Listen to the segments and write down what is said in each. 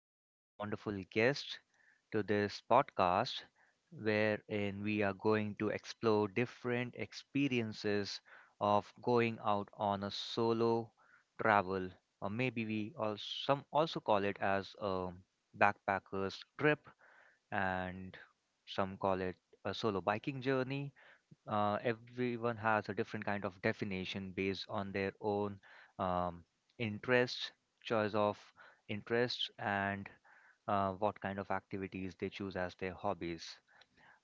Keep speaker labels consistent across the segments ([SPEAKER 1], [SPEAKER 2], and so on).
[SPEAKER 1] of our wonderful guests to this podcast, wherein we are going to explore different experiences of going out on a solo travel, or maybe we also some also call it as a backpackers trip and some call it a solo biking journey. Everyone has a different kind of definition based on their own um, interests, choice of interests, and what kind of activities they choose as their hobbies.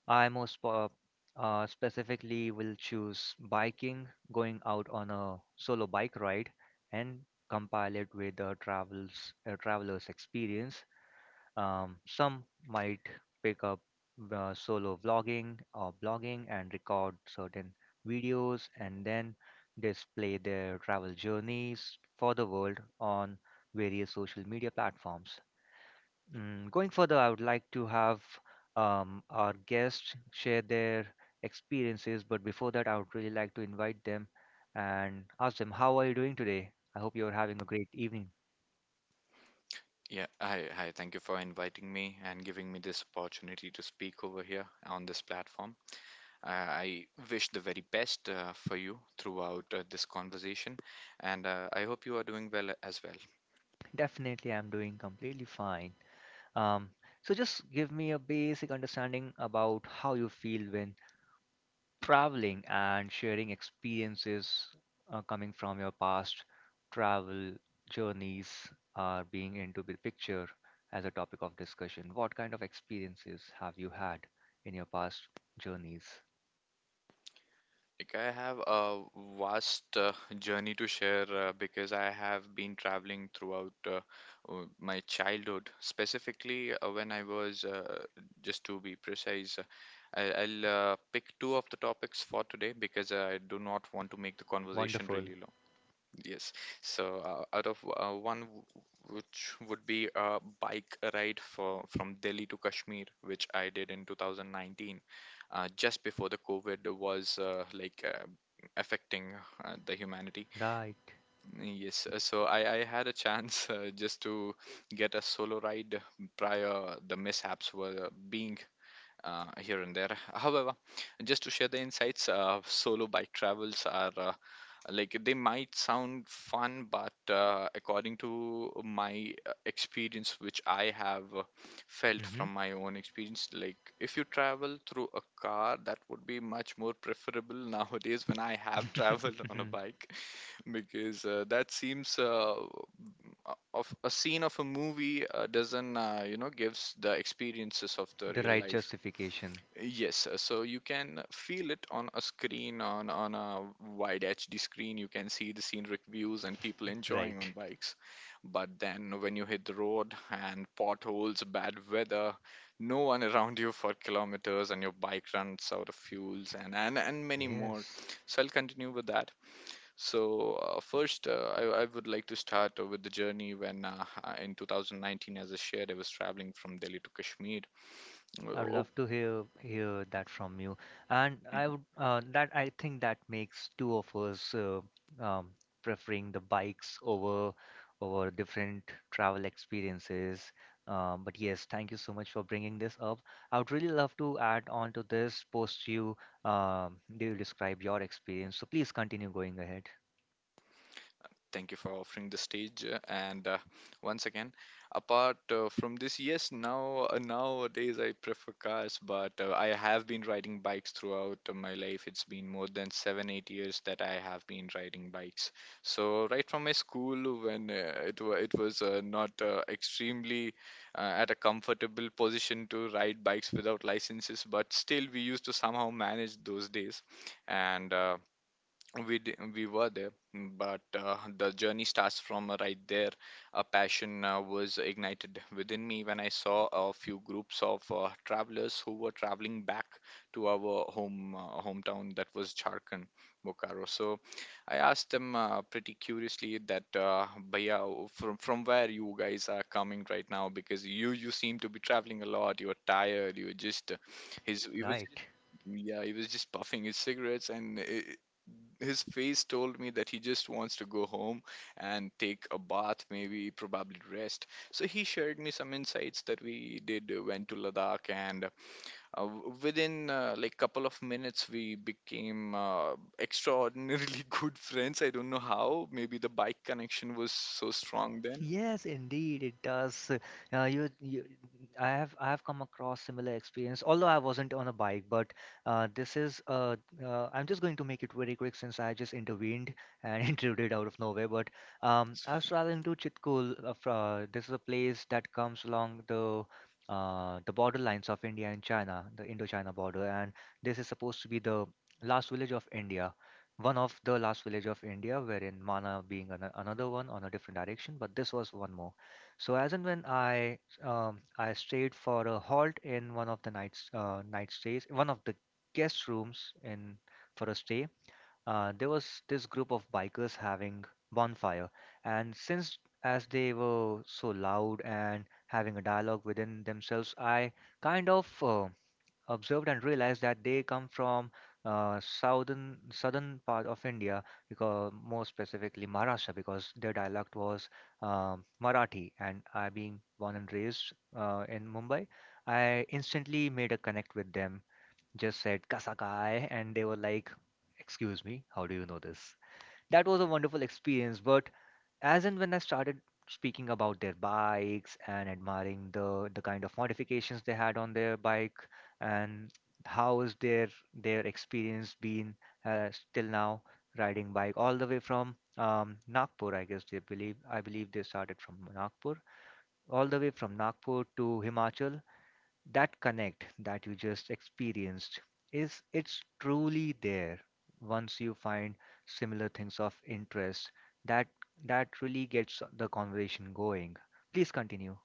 [SPEAKER 1] I most specifically will choose biking, going out on a solo bike ride, and compile it with a traveler's experience. Some might pick up solo vlogging or blogging and record certain videos and then display their travel journeys for the world on various social media platforms. Going further, I would like to have our guests share their experiences, but before that, I would really like to invite them and ask them, how are you doing today? I hope you're having a great evening.
[SPEAKER 2] Yeah, hi. Thank you for inviting me and giving me this opportunity to speak over here on this platform. I wish the very best for you throughout this conversation, and I hope you are doing well as well.
[SPEAKER 1] Definitely, I'm doing completely fine. Um, so just give me a basic understanding about how you feel when traveling and sharing experiences coming from your past travel journeys are being into the picture as a topic of discussion. What kind of experiences have you had in your past journeys?
[SPEAKER 2] Like I have a vast journey to share because I have been traveling throughout my childhood. Specifically, when I was, just to be precise, I'll pick two of the topics for today because I do not want to make the conversation
[SPEAKER 1] Wonderful.
[SPEAKER 2] really long. Yes. So out of one which would be a bike ride for from Delhi to Kashmir, which I did in 2019, just before the COVID was affecting the humanity.
[SPEAKER 1] Right.
[SPEAKER 2] Yes. So I had a chance just to get a solo ride prior the mishaps were being here and there. However, just to share the insights, solo bike travels are like they might sound fun, but according to my experience, which I have felt
[SPEAKER 1] Hmm.
[SPEAKER 2] from my own experience, like if you travel through a car, that would be much more preferable nowadays when I have traveled on a bike because that seems of a scene of a movie doesn't gives the experiences of the
[SPEAKER 1] The
[SPEAKER 2] real
[SPEAKER 1] right
[SPEAKER 2] life.
[SPEAKER 1] justification.
[SPEAKER 2] Yes, so you can feel it on a screen, on a wide HD screen. You can see the scenic views and people enjoying on
[SPEAKER 1] Right.
[SPEAKER 2] bikes. But then when you hit the road and potholes, bad weather, no one around you for kilometers, and your bike runs out of fuels, and many more.
[SPEAKER 1] Yes.
[SPEAKER 2] So I'll continue with that. So first, I would like to start with the journey when in 2019, as I shared, I was traveling from Delhi to Kashmir.
[SPEAKER 1] I'd
[SPEAKER 2] Oh,
[SPEAKER 1] love to hear that from you, and I
[SPEAKER 2] mm-hmm.
[SPEAKER 1] would that I think that makes two of us um, preferring the bikes over different travel experiences. But yes, thank you so much for bringing this up. I would really love to add on to this post you do you describe your experience. So please continue going ahead.
[SPEAKER 2] Thank you for offering the stage. And once again, apart from this, yes, now nowadays I prefer cars, but I have been riding bikes throughout my life. It's been more than 7, 8 years that I have been riding bikes. So right from my school, when it was not extremely at a comfortable position to ride bikes without licenses, but still we used to somehow manage those days and we were there, but the journey starts from right there. A passion was ignited within me when I saw a few groups of travelers who were traveling back to our home hometown, that was Jharkhand, Bokaro. So I asked them pretty curiously that bhaiya, from where you guys are coming right now, because you seem to be traveling a lot. You're tired, you're just his he was.
[SPEAKER 1] Right.
[SPEAKER 2] Yeah, he was just puffing his cigarettes, and I his face told me that he just wants to go home and take a bath, maybe probably rest. So he shared me some insights that we did went to Ladakh, and within like couple of minutes we became extraordinarily good friends. I don't know how. Maybe the bike connection was so strong then.
[SPEAKER 1] Yes, indeed, it does. Uh, you, you, I have come across similar experience. Although I wasn't on a bike, but this is. I'm just going to make it very quick since I just intervened and intruded out of nowhere. But I was traveling to Chitkul. This is a place that comes along the border lines of India and China, the Indo-China border, and this is supposed to be the last village of India one of the last village of India, wherein Mana being another one on a different direction, but this was one more. So as and when I stayed for a halt in one of the night stays, one of the guest rooms in for a stay, there was this group of bikers having bonfire, and since as they were so loud and having a dialogue within themselves, I kind of observed and realized that they come from southern part of India, because more specifically Maharashtra, because their dialect was Marathi, and I being born and raised in Mumbai, I instantly made a connect with them. Just said "Kasa kai," and they were like, "Excuse me, how do you know this?" That was a wonderful experience, but as and when I started speaking about their bikes and admiring the kind of modifications they had on their bike and how is their experience been still now riding bike all the way from Nagpur I believe they started from Nagpur, all the way from Nagpur to Himachal. That connect that you just experienced, is it's truly there. Once you find similar things of interest, that that really gets the conversation going. Please continue.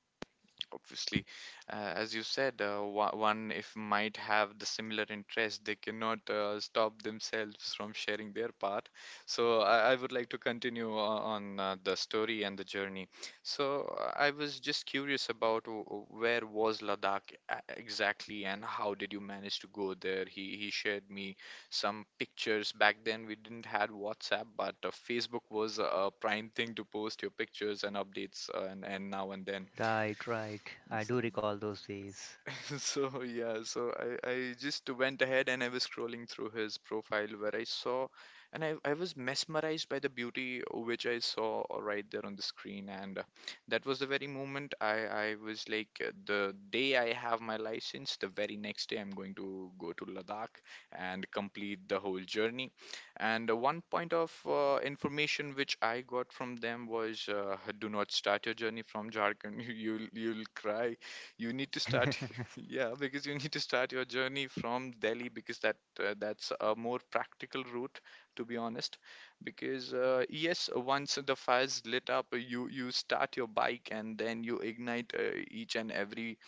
[SPEAKER 2] Obviously, as you said, one if might have the similar interest, they cannot stop themselves from sharing their part. So I would like to continue on the story and the journey. So I was just curious about where was Ladakh exactly, and how did you manage to go there. He shared me some pictures. Back then we didn't had WhatsApp, but Facebook was a prime thing to post your pictures and updates, and now and then.
[SPEAKER 1] Right, right, I do recall those days.
[SPEAKER 2] So yeah, so I just went ahead, and I was scrolling through his profile where I saw, and I was mesmerized by the beauty which I saw right there on the screen. And that was the very moment I was like the day I have my license, the very next day I'm going to go to Ladakh and complete the whole journey. And one point of information which I got from them was do not start your journey from Jharkhand. You'll cry. You need to start. Yeah, because you need to start your journey from Delhi, because that's a more practical route, to be honest. Because yes, once the fire's lit up, you start your bike and then you ignite each and every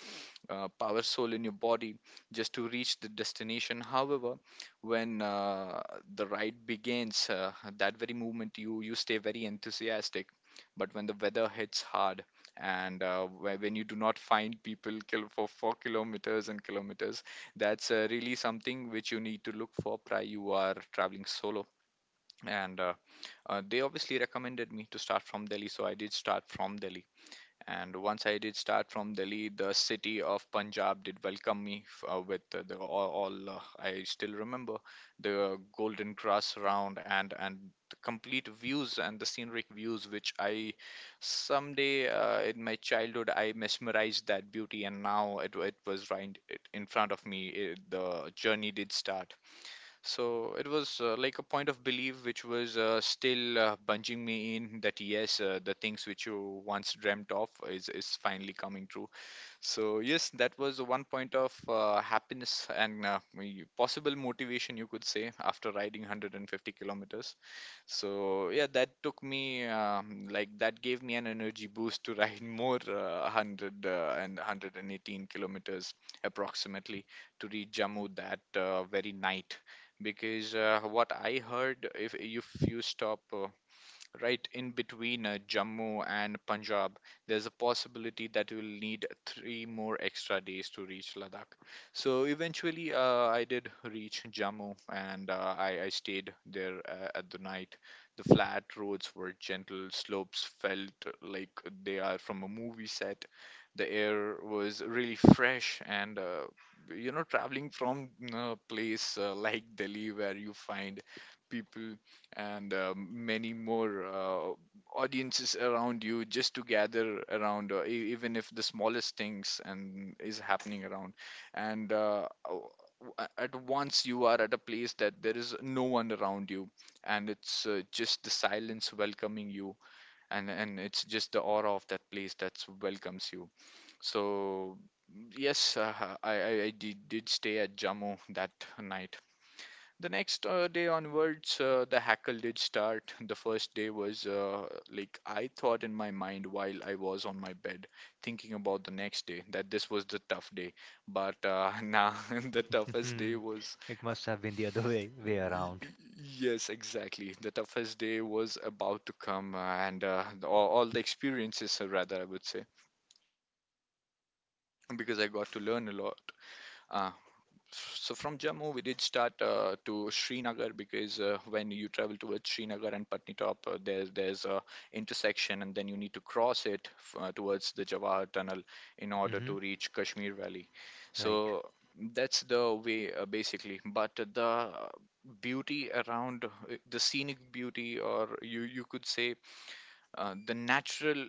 [SPEAKER 2] power soul in your body just to reach the destination. However, when the ride begins, that very moment you stay very enthusiastic. But when the weather hits hard, and when you do not find people for 4 kilometers and kilometers, that's really something which you need to look for. Prior you are traveling solo. And they obviously recommended me to start from Delhi, so I did start from Delhi. And once I did start from Delhi, the city of Punjab did welcome me with the all. I still remember the golden grass round and the complete views and the scenic views, which I someday, in my childhood I mesmerized that beauty, and now it was right in front of me. The journey did start. So it was like a point of belief which was still bunging me in that, yes, the things which you once dreamt of is finally coming true. So, yes, that was one point of happiness and possible motivation, you could say, after riding 150 kilometers. So yeah, that gave me an energy boost to ride more 100 and 118 kilometers approximately to reach Jammu that very night. Because what I heard, if you stop right in between Jammu and Punjab, there's a possibility that you will need 3 more extra days to reach Ladakh. So eventually, I did reach Jammu, and I stayed there at the night. The flat roads were gentle, slopes felt like they are from a movie set. The air was really fresh, and traveling from a place like Delhi, where you find people and many more audiences around you just to gather around even if the smallest things and is happening around, and at once you are at a place that there is no one around you. And it's just the silence welcoming you. And it's just the aura of that place that welcomes you. So, yes, I did stay at Jammu that night. The next day onwards, the hackle did start. The first day was like I thought in my mind while I was on my bed thinking about the next day that this was the tough day. But now the toughest day was.
[SPEAKER 1] It must have been the other way
[SPEAKER 2] Y-
[SPEAKER 1] way around.
[SPEAKER 2] y- Yes, exactly. The toughest day was about to come, and all the experiences, rather, I would say, because I got to learn a lot. Uh, so from Jammu, we did start to Srinagar, because when you travel towards Srinagar and Patnitop, there's a intersection, and then you need to cross it towards the Jawahar Tunnel in order
[SPEAKER 1] Hmm.
[SPEAKER 2] to reach Kashmir Valley.
[SPEAKER 1] Right.
[SPEAKER 2] So that's the way basically. But the beauty around, the scenic beauty, or you could say, the natural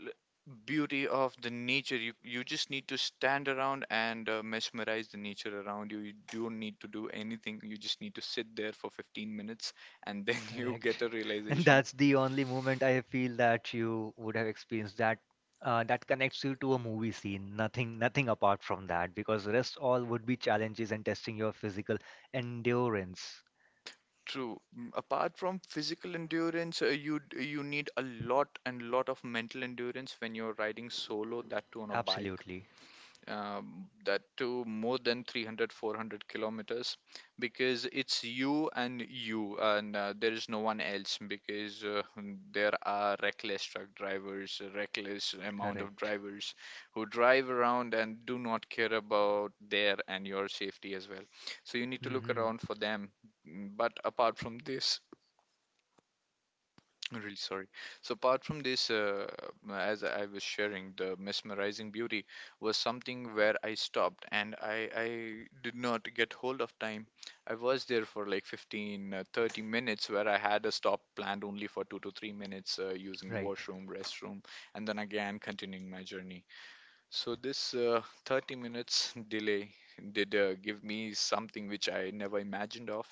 [SPEAKER 2] beauty of the nature, you just need to stand around and mesmerize the nature around You don't need to do anything, you just need to sit there for 15 minutes, and then you get
[SPEAKER 1] Correct.
[SPEAKER 2] a
[SPEAKER 1] And
[SPEAKER 2] realization.
[SPEAKER 1] that's the only moment I feel that you would have experienced that that connects you to a movie scene. Nothing, nothing apart from that, because the rest all would be challenges and testing your physical endurance.
[SPEAKER 2] True. Apart from physical endurance, you need a lot and lot of mental endurance when you're riding solo, that too on a bike,
[SPEAKER 1] Absolutely.
[SPEAKER 2] that to more than 300, 400 kilometers, because it's you and you, and there is no one else. Because there are reckless truck drivers, a reckless amount of
[SPEAKER 1] Correct.
[SPEAKER 2] drivers who drive around and do not care about their and your safety as well. So you need to look
[SPEAKER 1] Hmm.
[SPEAKER 2] around for them. But apart from this, I'm really sorry. So apart from this, as I was sharing, the mesmerizing beauty was something where I stopped and I did not get hold of time. I was there for like 15, 30 minutes where I had a stop planned only for 2 to 3 minutes using the
[SPEAKER 1] Right.
[SPEAKER 2] washroom, restroom, and then again continuing my journey. So this 30 minutes delay did give me something which I never imagined of,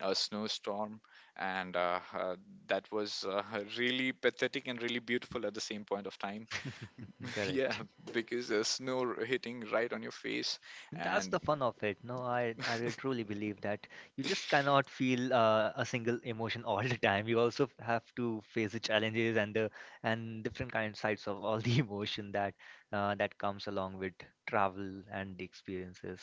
[SPEAKER 2] a snowstorm. And uh, uh, that was uh, really pathetic and really beautiful at the same point of time. Yeah,
[SPEAKER 1] Correct.
[SPEAKER 2] because snow hitting right on your face,
[SPEAKER 1] That's
[SPEAKER 2] and
[SPEAKER 1] the fun of it. No, I really truly believe that you just cannot feel a single emotion all the time. You also have to face the challenges and different kind sides of all the emotion that that comes along with travel and the experiences.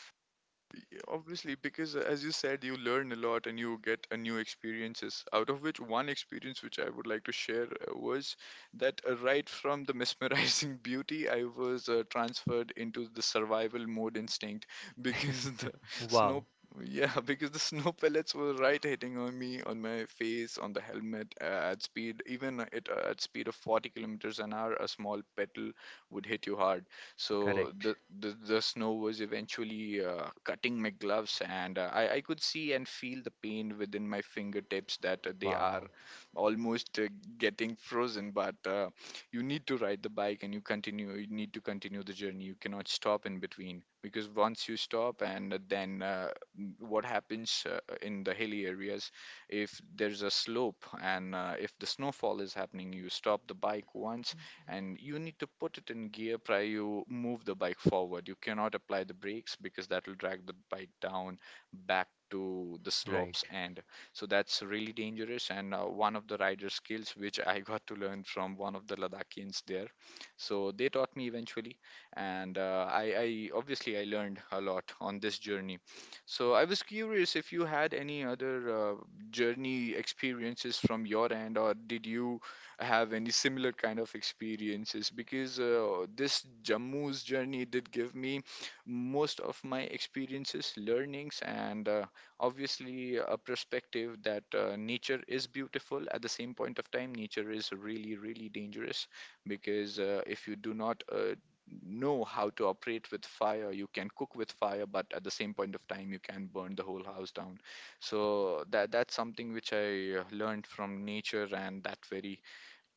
[SPEAKER 2] obviously, because as you said, you learn a lot and you get a new experiences. Out of which one experience which I would like to share was that right from the mesmerizing beauty, I was transferred into the survival mode instinct because the snow,
[SPEAKER 1] Wow.
[SPEAKER 2] yeah, because the snow pellets were right hitting on me, on my face, on the helmet at speed, even it at speed of 40 kilometers an hour. A small petal would hit you hard, so
[SPEAKER 1] Correct.
[SPEAKER 2] the snow was eventually cutting my gloves, and I could see and feel the pain within my fingertips, that they are
[SPEAKER 1] Wow.
[SPEAKER 2] almost getting frozen. But you need to ride the bike, and you continue. You need to continue the journey. You cannot stop in between, because once you stop, and then what happens in the hilly areas? If there's a slope and if the snowfall is happening, you stop the bike once and you need to put it in gear prior you move the bike forward. You cannot apply the brakes because that will drag the bike down back to the
[SPEAKER 1] Right.
[SPEAKER 2] slopes. And so that's really dangerous, and one of the rider skills which I got to learn from one of the Ladakians there. So they taught me eventually, and I obviously I learned a lot on this journey. So I was curious if you had any other journey experiences from your end, or did you have any similar kind of experiences, because this Jammu's journey did give me most of my experiences, learnings, and obviously a perspective that nature is beautiful. At the same point of time, nature is really, really dangerous, because if you do not know how to operate with fire, you can cook with fire, but at the same point of time you can burn the whole house down. So that's something which I learned from nature and that very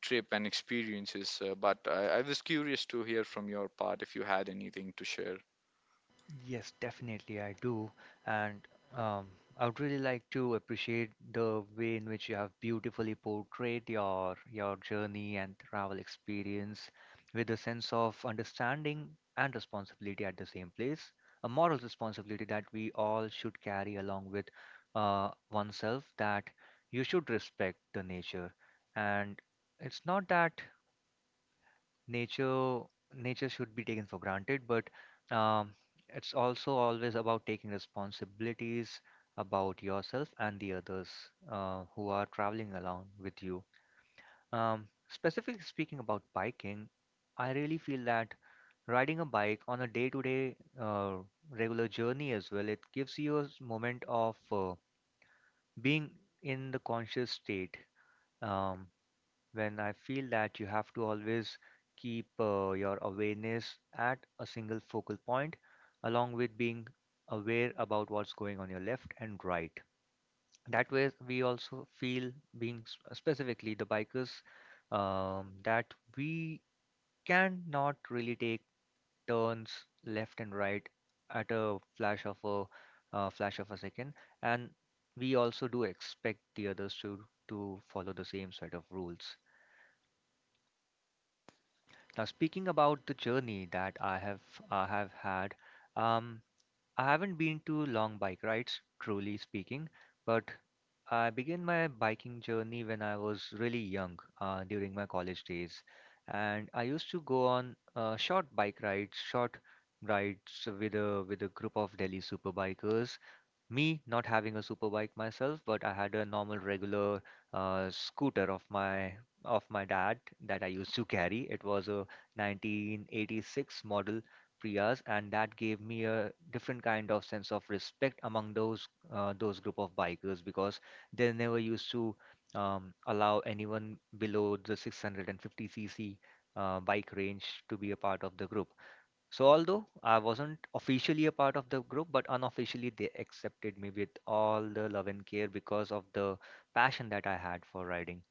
[SPEAKER 2] trip and experiences. But I was curious to hear from your part if you had anything to share.
[SPEAKER 1] Yes, definitely, I do. And um, I would really like to appreciate the way in which you have beautifully portrayed your journey and travel experience with a sense of understanding and responsibility at the same place, a moral responsibility that we all should carry along with oneself, that you should respect the nature. And it's not that nature nature should be taken for granted, but um, it's also always about taking responsibilities about yourself and the others who are traveling along with you. Specifically speaking about biking, I really feel that riding a bike on a day-to-day regular journey as well, it gives you a moment of being in the conscious state. Um, when I feel that you have to always keep your awareness at a single focal point, along with being aware about what's going on your left and right. That way, we also feel, being specifically the bikers, that we cannot really take turns left and right at a flash of a second, and we also do expect the others to follow the same set of rules. Now, speaking about the journey that I have had, um, I haven't been to long bike rides, truly speaking, but I began my biking journey when I was really young, during my college days, and I used to go on short bike rides, short rides with a group of Delhi super bikers, me not having a super bike myself, but I had a normal regular scooter of my dad that I used to carry. It was a 1986 model Prius, and that gave me a different kind of sense of respect among those group of bikers because they never used to allow anyone below the 650cc bike range to be a part of the group. So although I wasn't officially a part of the group, but unofficially they accepted me with all the love and care because of the passion that I had for riding.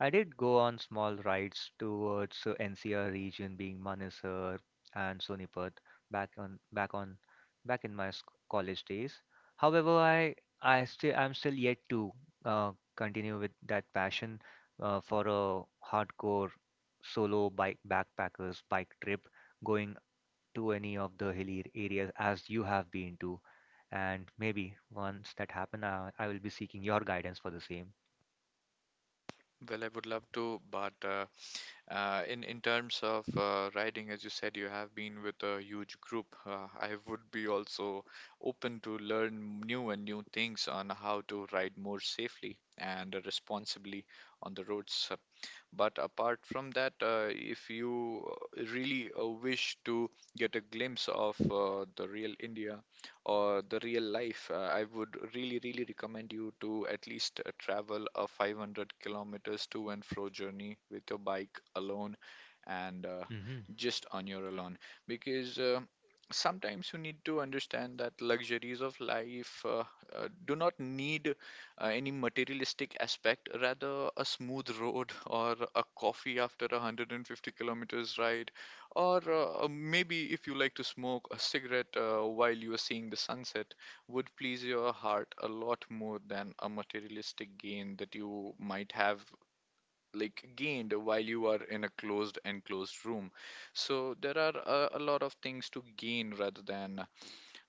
[SPEAKER 1] I did go on small rides towards NCR region, being Manesar and Sonipat back on back on back in my college days. However, I'm still yet to uh, continue with that passion for a hardcore solo bike backpackers bike trip going to any of the hilly areas as you have been to. And maybe once that happen, I will be seeking your guidance for the same.
[SPEAKER 2] Well, I would love to, but in terms of riding, as you said, you have been with a huge group. I would be also open to learn new and new things on how to ride more safely and responsibly on the roads. But apart from that, if you really wish to get a glimpse of the real India or the real life, I would really, really recommend you to at least travel a 500 kilometers to and fro journey with your bike alone, and
[SPEAKER 1] Hmm.
[SPEAKER 2] just on your alone. Because sometimes you need to understand that luxuries of life do not need any materialistic aspect, rather a smooth road or a coffee after a 150 kilometers ride, or maybe if you like to smoke a cigarette while you are seeing the sunset, would please your heart a lot more than a materialistic gain that you might have like gained while you are in a closed enclosed room. So there are a lot of things to gain rather than uh,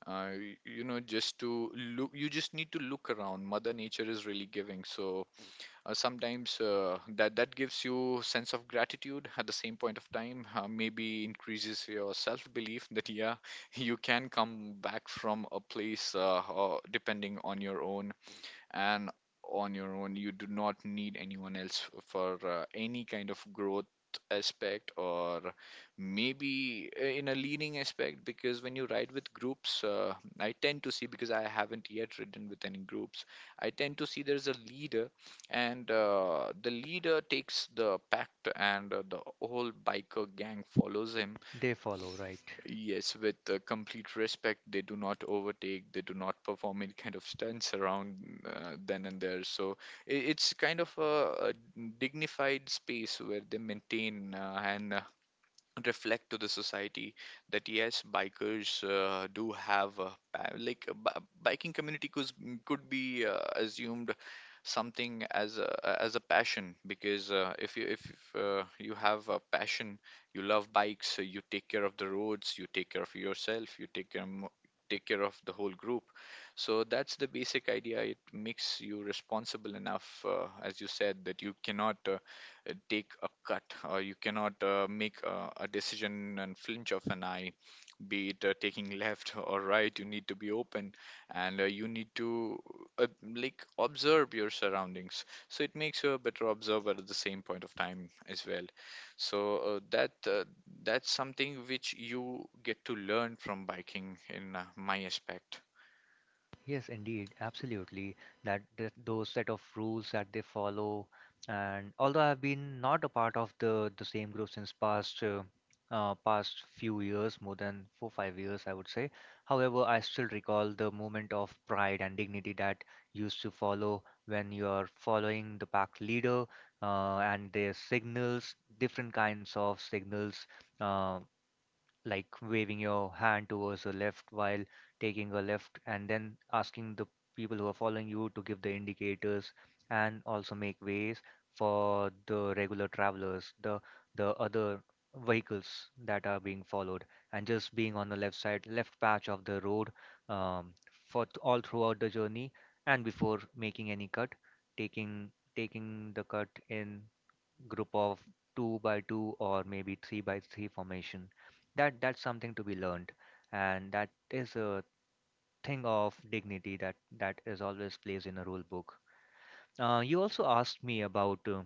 [SPEAKER 2] y- you know just to look. You just need to look around. Mother nature is really giving. So sometimes that gives you sense of gratitude. At the same point of time, maybe increases your self belief that yeah, you can come back from a place, or depending on your own, and on your own you do not need anyone else for any kind of growth aspect, or maybe in a leading aspect, because when you ride with groups, I tend to see, because I haven't yet ridden with any groups, I tend to see there's a leader, and the leader takes the pact, and the whole biker gang follows him.
[SPEAKER 1] They follow, right?
[SPEAKER 2] Yes, with complete respect, they do not overtake, they do not perform any kind of stunts around then and there. So I- it's kind of a dignified space where they maintain and reflect to the society that yes, bikers do have a, like a biking community could be assumed something as a as a passion, because if you have a passion, you love bikes, so you take care of the roads, you take care of yourself, you take care take care of the whole group. So that's the basic idea. It makes you responsible enough, as you said, that you cannot take a cut, or you cannot make a decision and flinch of an eye, be it taking left or right. You need to be open, and you need to uh, like observe your surroundings, so it makes you a better observer at the same point of time as well. So that's something which you get to learn from biking in my aspect.
[SPEAKER 1] Yes, indeed, absolutely. That th those set of rules that they follow, and although I've been not a part of the same group since past past few years, more than 4-5 years, I would say. However, I still recall the moment of pride and dignity that used to follow when you are following the pack leader and their signals, different kinds of signals. um like waving your hand towards the left while taking a left and then asking the people who are following you to give the indicators and also make ways for the regular travelers, the other vehicles that are being followed and just being on the left side, left patch of the road, um, all throughout the journey, and before making any cut, taking the cut in group of two by two or maybe three by three formation. That that's something to be learned, and that is a thing of dignity that is always placed in a rule book. You also asked me about uh,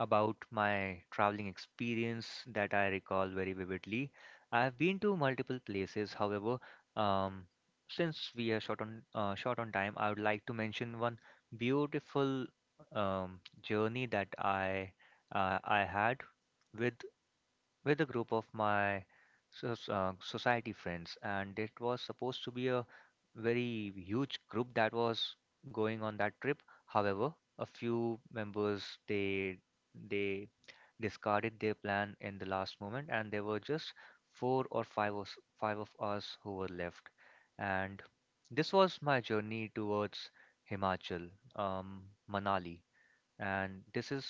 [SPEAKER 1] about my traveling experience that I recall very vividly. I have been to multiple places, however, um, since we are short on time, I would like to mention one beautiful journey that I had with with a group of my society friends, and it was supposed to be a very huge group that was going on that trip. However, a few members they discarded their plan in the last moment, and there were just four or five of us who were left. And this was my journey towards Himachal, Manali, and this is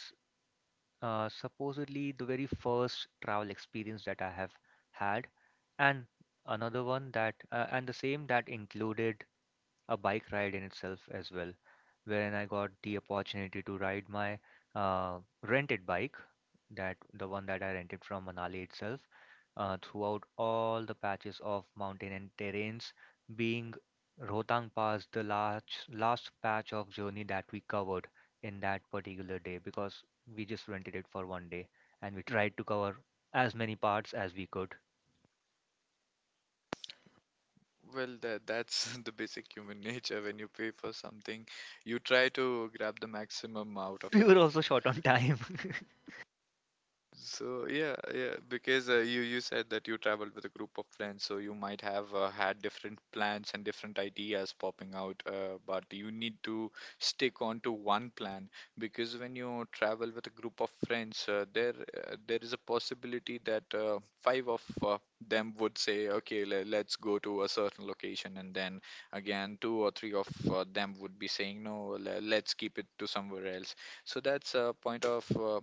[SPEAKER 1] supposedly the very first travel experience that I have had, and another one that, and the same that included a bike ride in itself as well, wherein I got the opportunity to ride my uh, rented bike, that the one that I rented from Manali itself, throughout all the patches of mountain and terrains, being Rohtang Pass the last patch of journey that we covered in that particular day because we just rented it for 1 day and we tried to cover as many parts as we could.
[SPEAKER 2] Well, that's the basic human nature: when you pay for something, you try to grab the maximum out of
[SPEAKER 1] We
[SPEAKER 2] it.
[SPEAKER 1] were also short on time.
[SPEAKER 2] So yeah, yeah, because you said that you traveled with a group of friends, so you might have had different plans and different ideas popping out, but you need to stick on to one plan, because when you travel with a group of friends, there is a possibility that five of them would say, okay, let's go to a certain location, and then again two or three of them would be saying, no, let's keep it to somewhere else. So that's a point of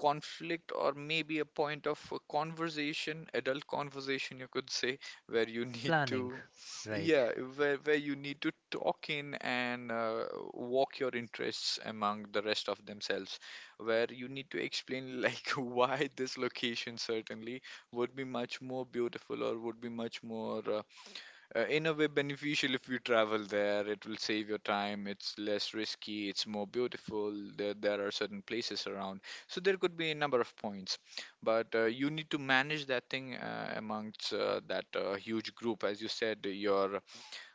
[SPEAKER 2] conflict, or maybe a point of conversation, adult conversation, you could say, where you need
[SPEAKER 1] Planning,
[SPEAKER 2] to,
[SPEAKER 1] right?
[SPEAKER 2] yeah, where you need to talk in, and walk your interests among the rest of themselves, where you need to explain like why this location certainly would be much more beautiful, or would be much more in a way beneficial. If you travel there, it will save your time, it's less risky, it's more beautiful. There are certain places around, so there could be a number of points, but you need to manage that thing amongst that huge group. As you said, your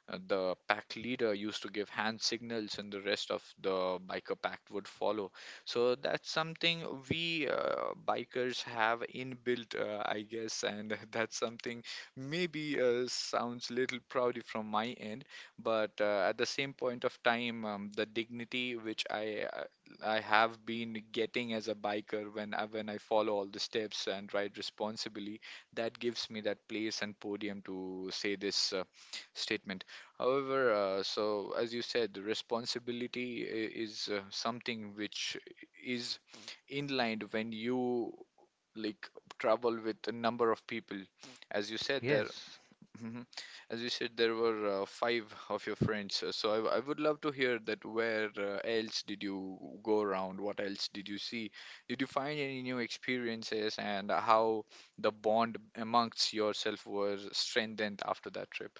[SPEAKER 2] the pack leader used to give hand signals, and the rest of the biker pack would follow. So that's something we bikers have inbuilt, I guess, and that's something maybe sounds little proudy from my end, but at the same point of time, the dignity which I have been getting as a biker, when when I follow all the steps and ride responsibly, that gives me that place and podium to say this statement. However, so as you said, responsibility is something which is inlined when you like travel with a number of people. As you said, there,
[SPEAKER 1] Yes.
[SPEAKER 2] mhm. As you said, there were five of your friends. So I would love to hear that. Where else did you go around? What else did you see? Did you find any new experiences, and how the bond amongst yourself was strengthened after that trip?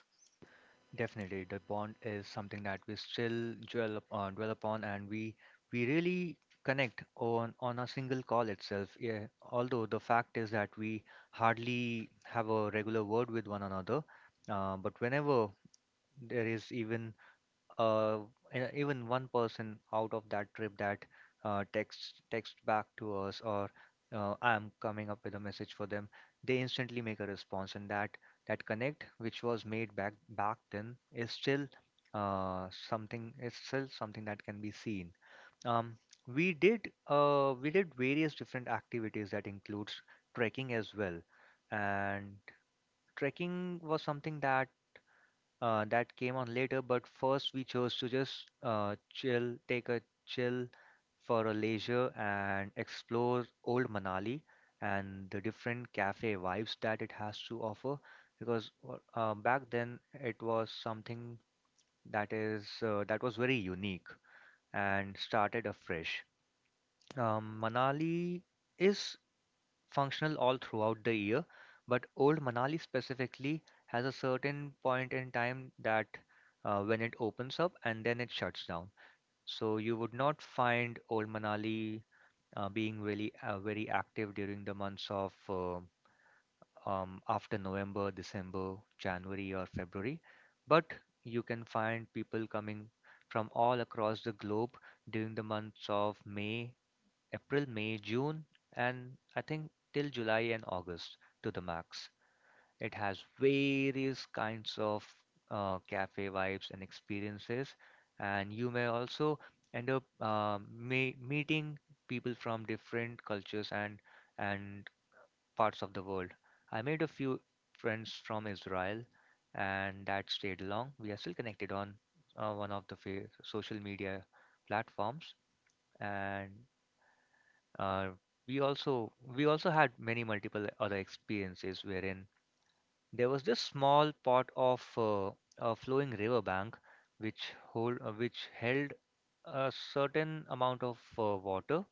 [SPEAKER 1] Definitely, the bond is something that we still dwell upon, and we really connect on a single call itself. Yeah, although the fact is that we hardly have a regular word with one another, but whenever there is even uh, even one person out of that trip that text back to us or I'm coming up with a message for them, they instantly make a response, and that connect which was made back then is still something that can be seen. Um, we did we did various different activities that includes trekking as well, and trekking was something that came on later, but first we chose to just take a chill for a leisure and explore Old Manali and the different cafe vibes that it has to offer. Because back then it was something that was very unique and started afresh. Manali is functional all throughout the year, but Old Manali specifically has a certain point in time that when it opens up and then it shuts down. So you would not find Old Manali being really very active during the months of after November, December, January, or February, but you can find people coming from all across the globe during the months of May April, May, June, and I think till July and August to the max. It has various kinds of cafe vibes and experiences, and you may also end up me meeting people from different cultures and parts of the world. I made a few friends from Israel, and that stayed long. We are still connected on one of the fa social media platforms, and uh, we also had many multiple other experiences wherein there was this small part of a flowing river bank which hold which held a certain amount of water,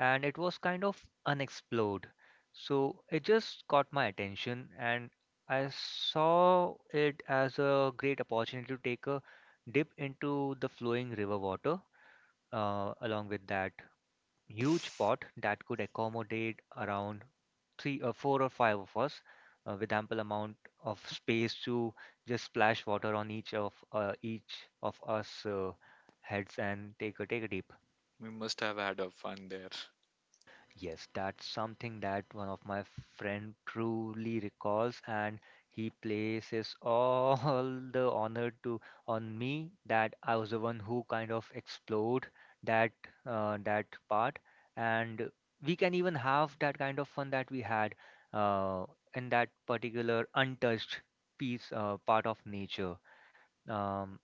[SPEAKER 1] and it was kind of unexplored, so it just caught my attention and I saw it as a great opportunity to take a dip into the flowing river water, along with that huge pot that could accommodate around three or four or five of us with ample amount of space to just splash water on each of us heads and take a deep.
[SPEAKER 2] We must have had a fun there.
[SPEAKER 1] Yes, that's something that one of my friend truly recalls, and he places all the honor to on me that I was the one who kind of explored that that part, and we can even have that kind of fun that we had uh, in that particular untouched piece part of nature. Um,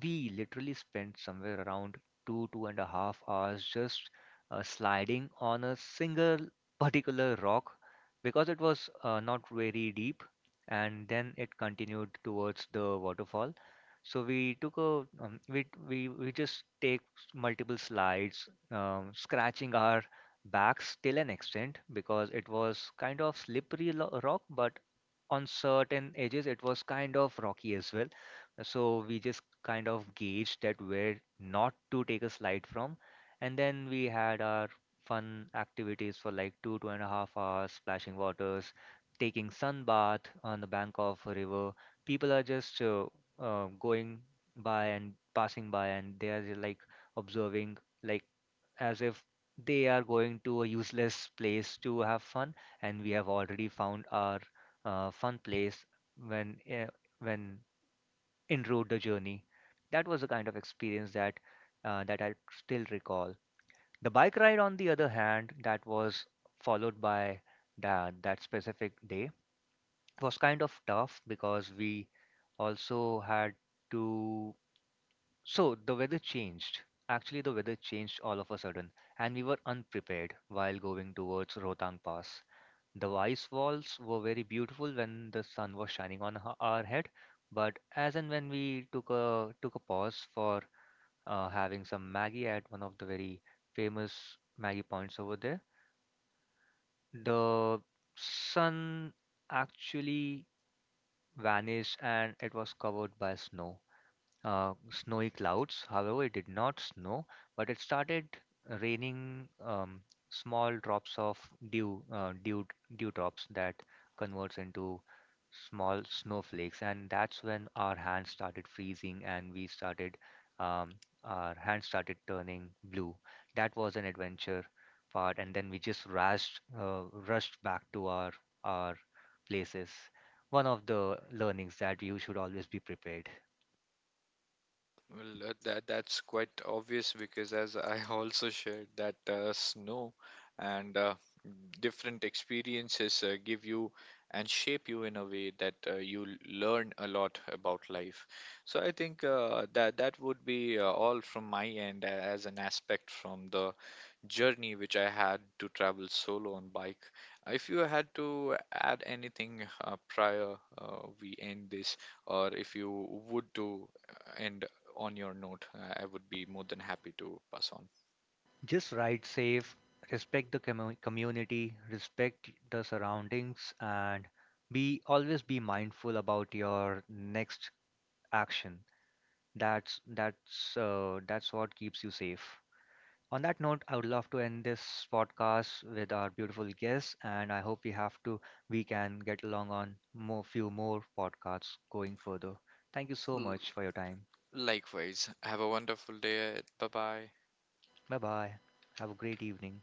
[SPEAKER 1] we literally spent somewhere around two and a half hours just sliding on a single particular rock because it was not very deep, and then it continued towards the waterfall. So we took a we just take s- multiple slides, scratching our backs till an extent because it was kind of slippery lo rock, but on certain edges it was kind of rocky as well, so we just kind of gauged that where not to take a slide from, and then we had our fun activities for like two and a half hours splashing waters, taking sun bath on the bank of a river. People are just going by and passing by, and they are like observing, like, as if they are going to a useless place to have fun, and we have already found our fun place when when en route the journey. That was the kind of experience that I still recall. The bike ride, on the other hand, that was followed by that specific day was kind of tough because we also had to so the weather changed. Actually, the weather changed all of a sudden, and we were unprepared while going towards Rohtang Pass. The ice walls were very beautiful when the sun was shining on our head, but as and when we took a pause for having some Maggie at one of the very famous Maggie points over there, the sun actually vanished and it was covered by snowy clouds. However, it did not snow, but it started raining small drops of dew, uh, dew, dew drops that converts into small snowflakes. And that's when our hands started freezing and we started, um, our hands started turning blue. That was an adventure part. And then we just rushed back to our places. One of the learnings that you should always be prepared.
[SPEAKER 2] Well, that's quite obvious, because as I also shared that snow and different experiences give you and shape you in a way that you learn a lot about life. So I think that would be all from my end as an aspect from the journey which I had to travel solo on bike. If you had to add anything prior, we end this, or if you would to end on your note, I would be more than happy to pass on.
[SPEAKER 1] Just ride safe, respect the community, respect the surroundings, and be always be mindful about your next action. That's what keeps you safe. On that note, I would love to end this podcast with our beautiful guest, and I hope we have to we can get along on more few more podcasts going further. Thank you so
[SPEAKER 2] L-
[SPEAKER 1] much for your time.
[SPEAKER 2] Likewise, have a wonderful day. Bye bye.
[SPEAKER 1] Bye bye. Have a great evening.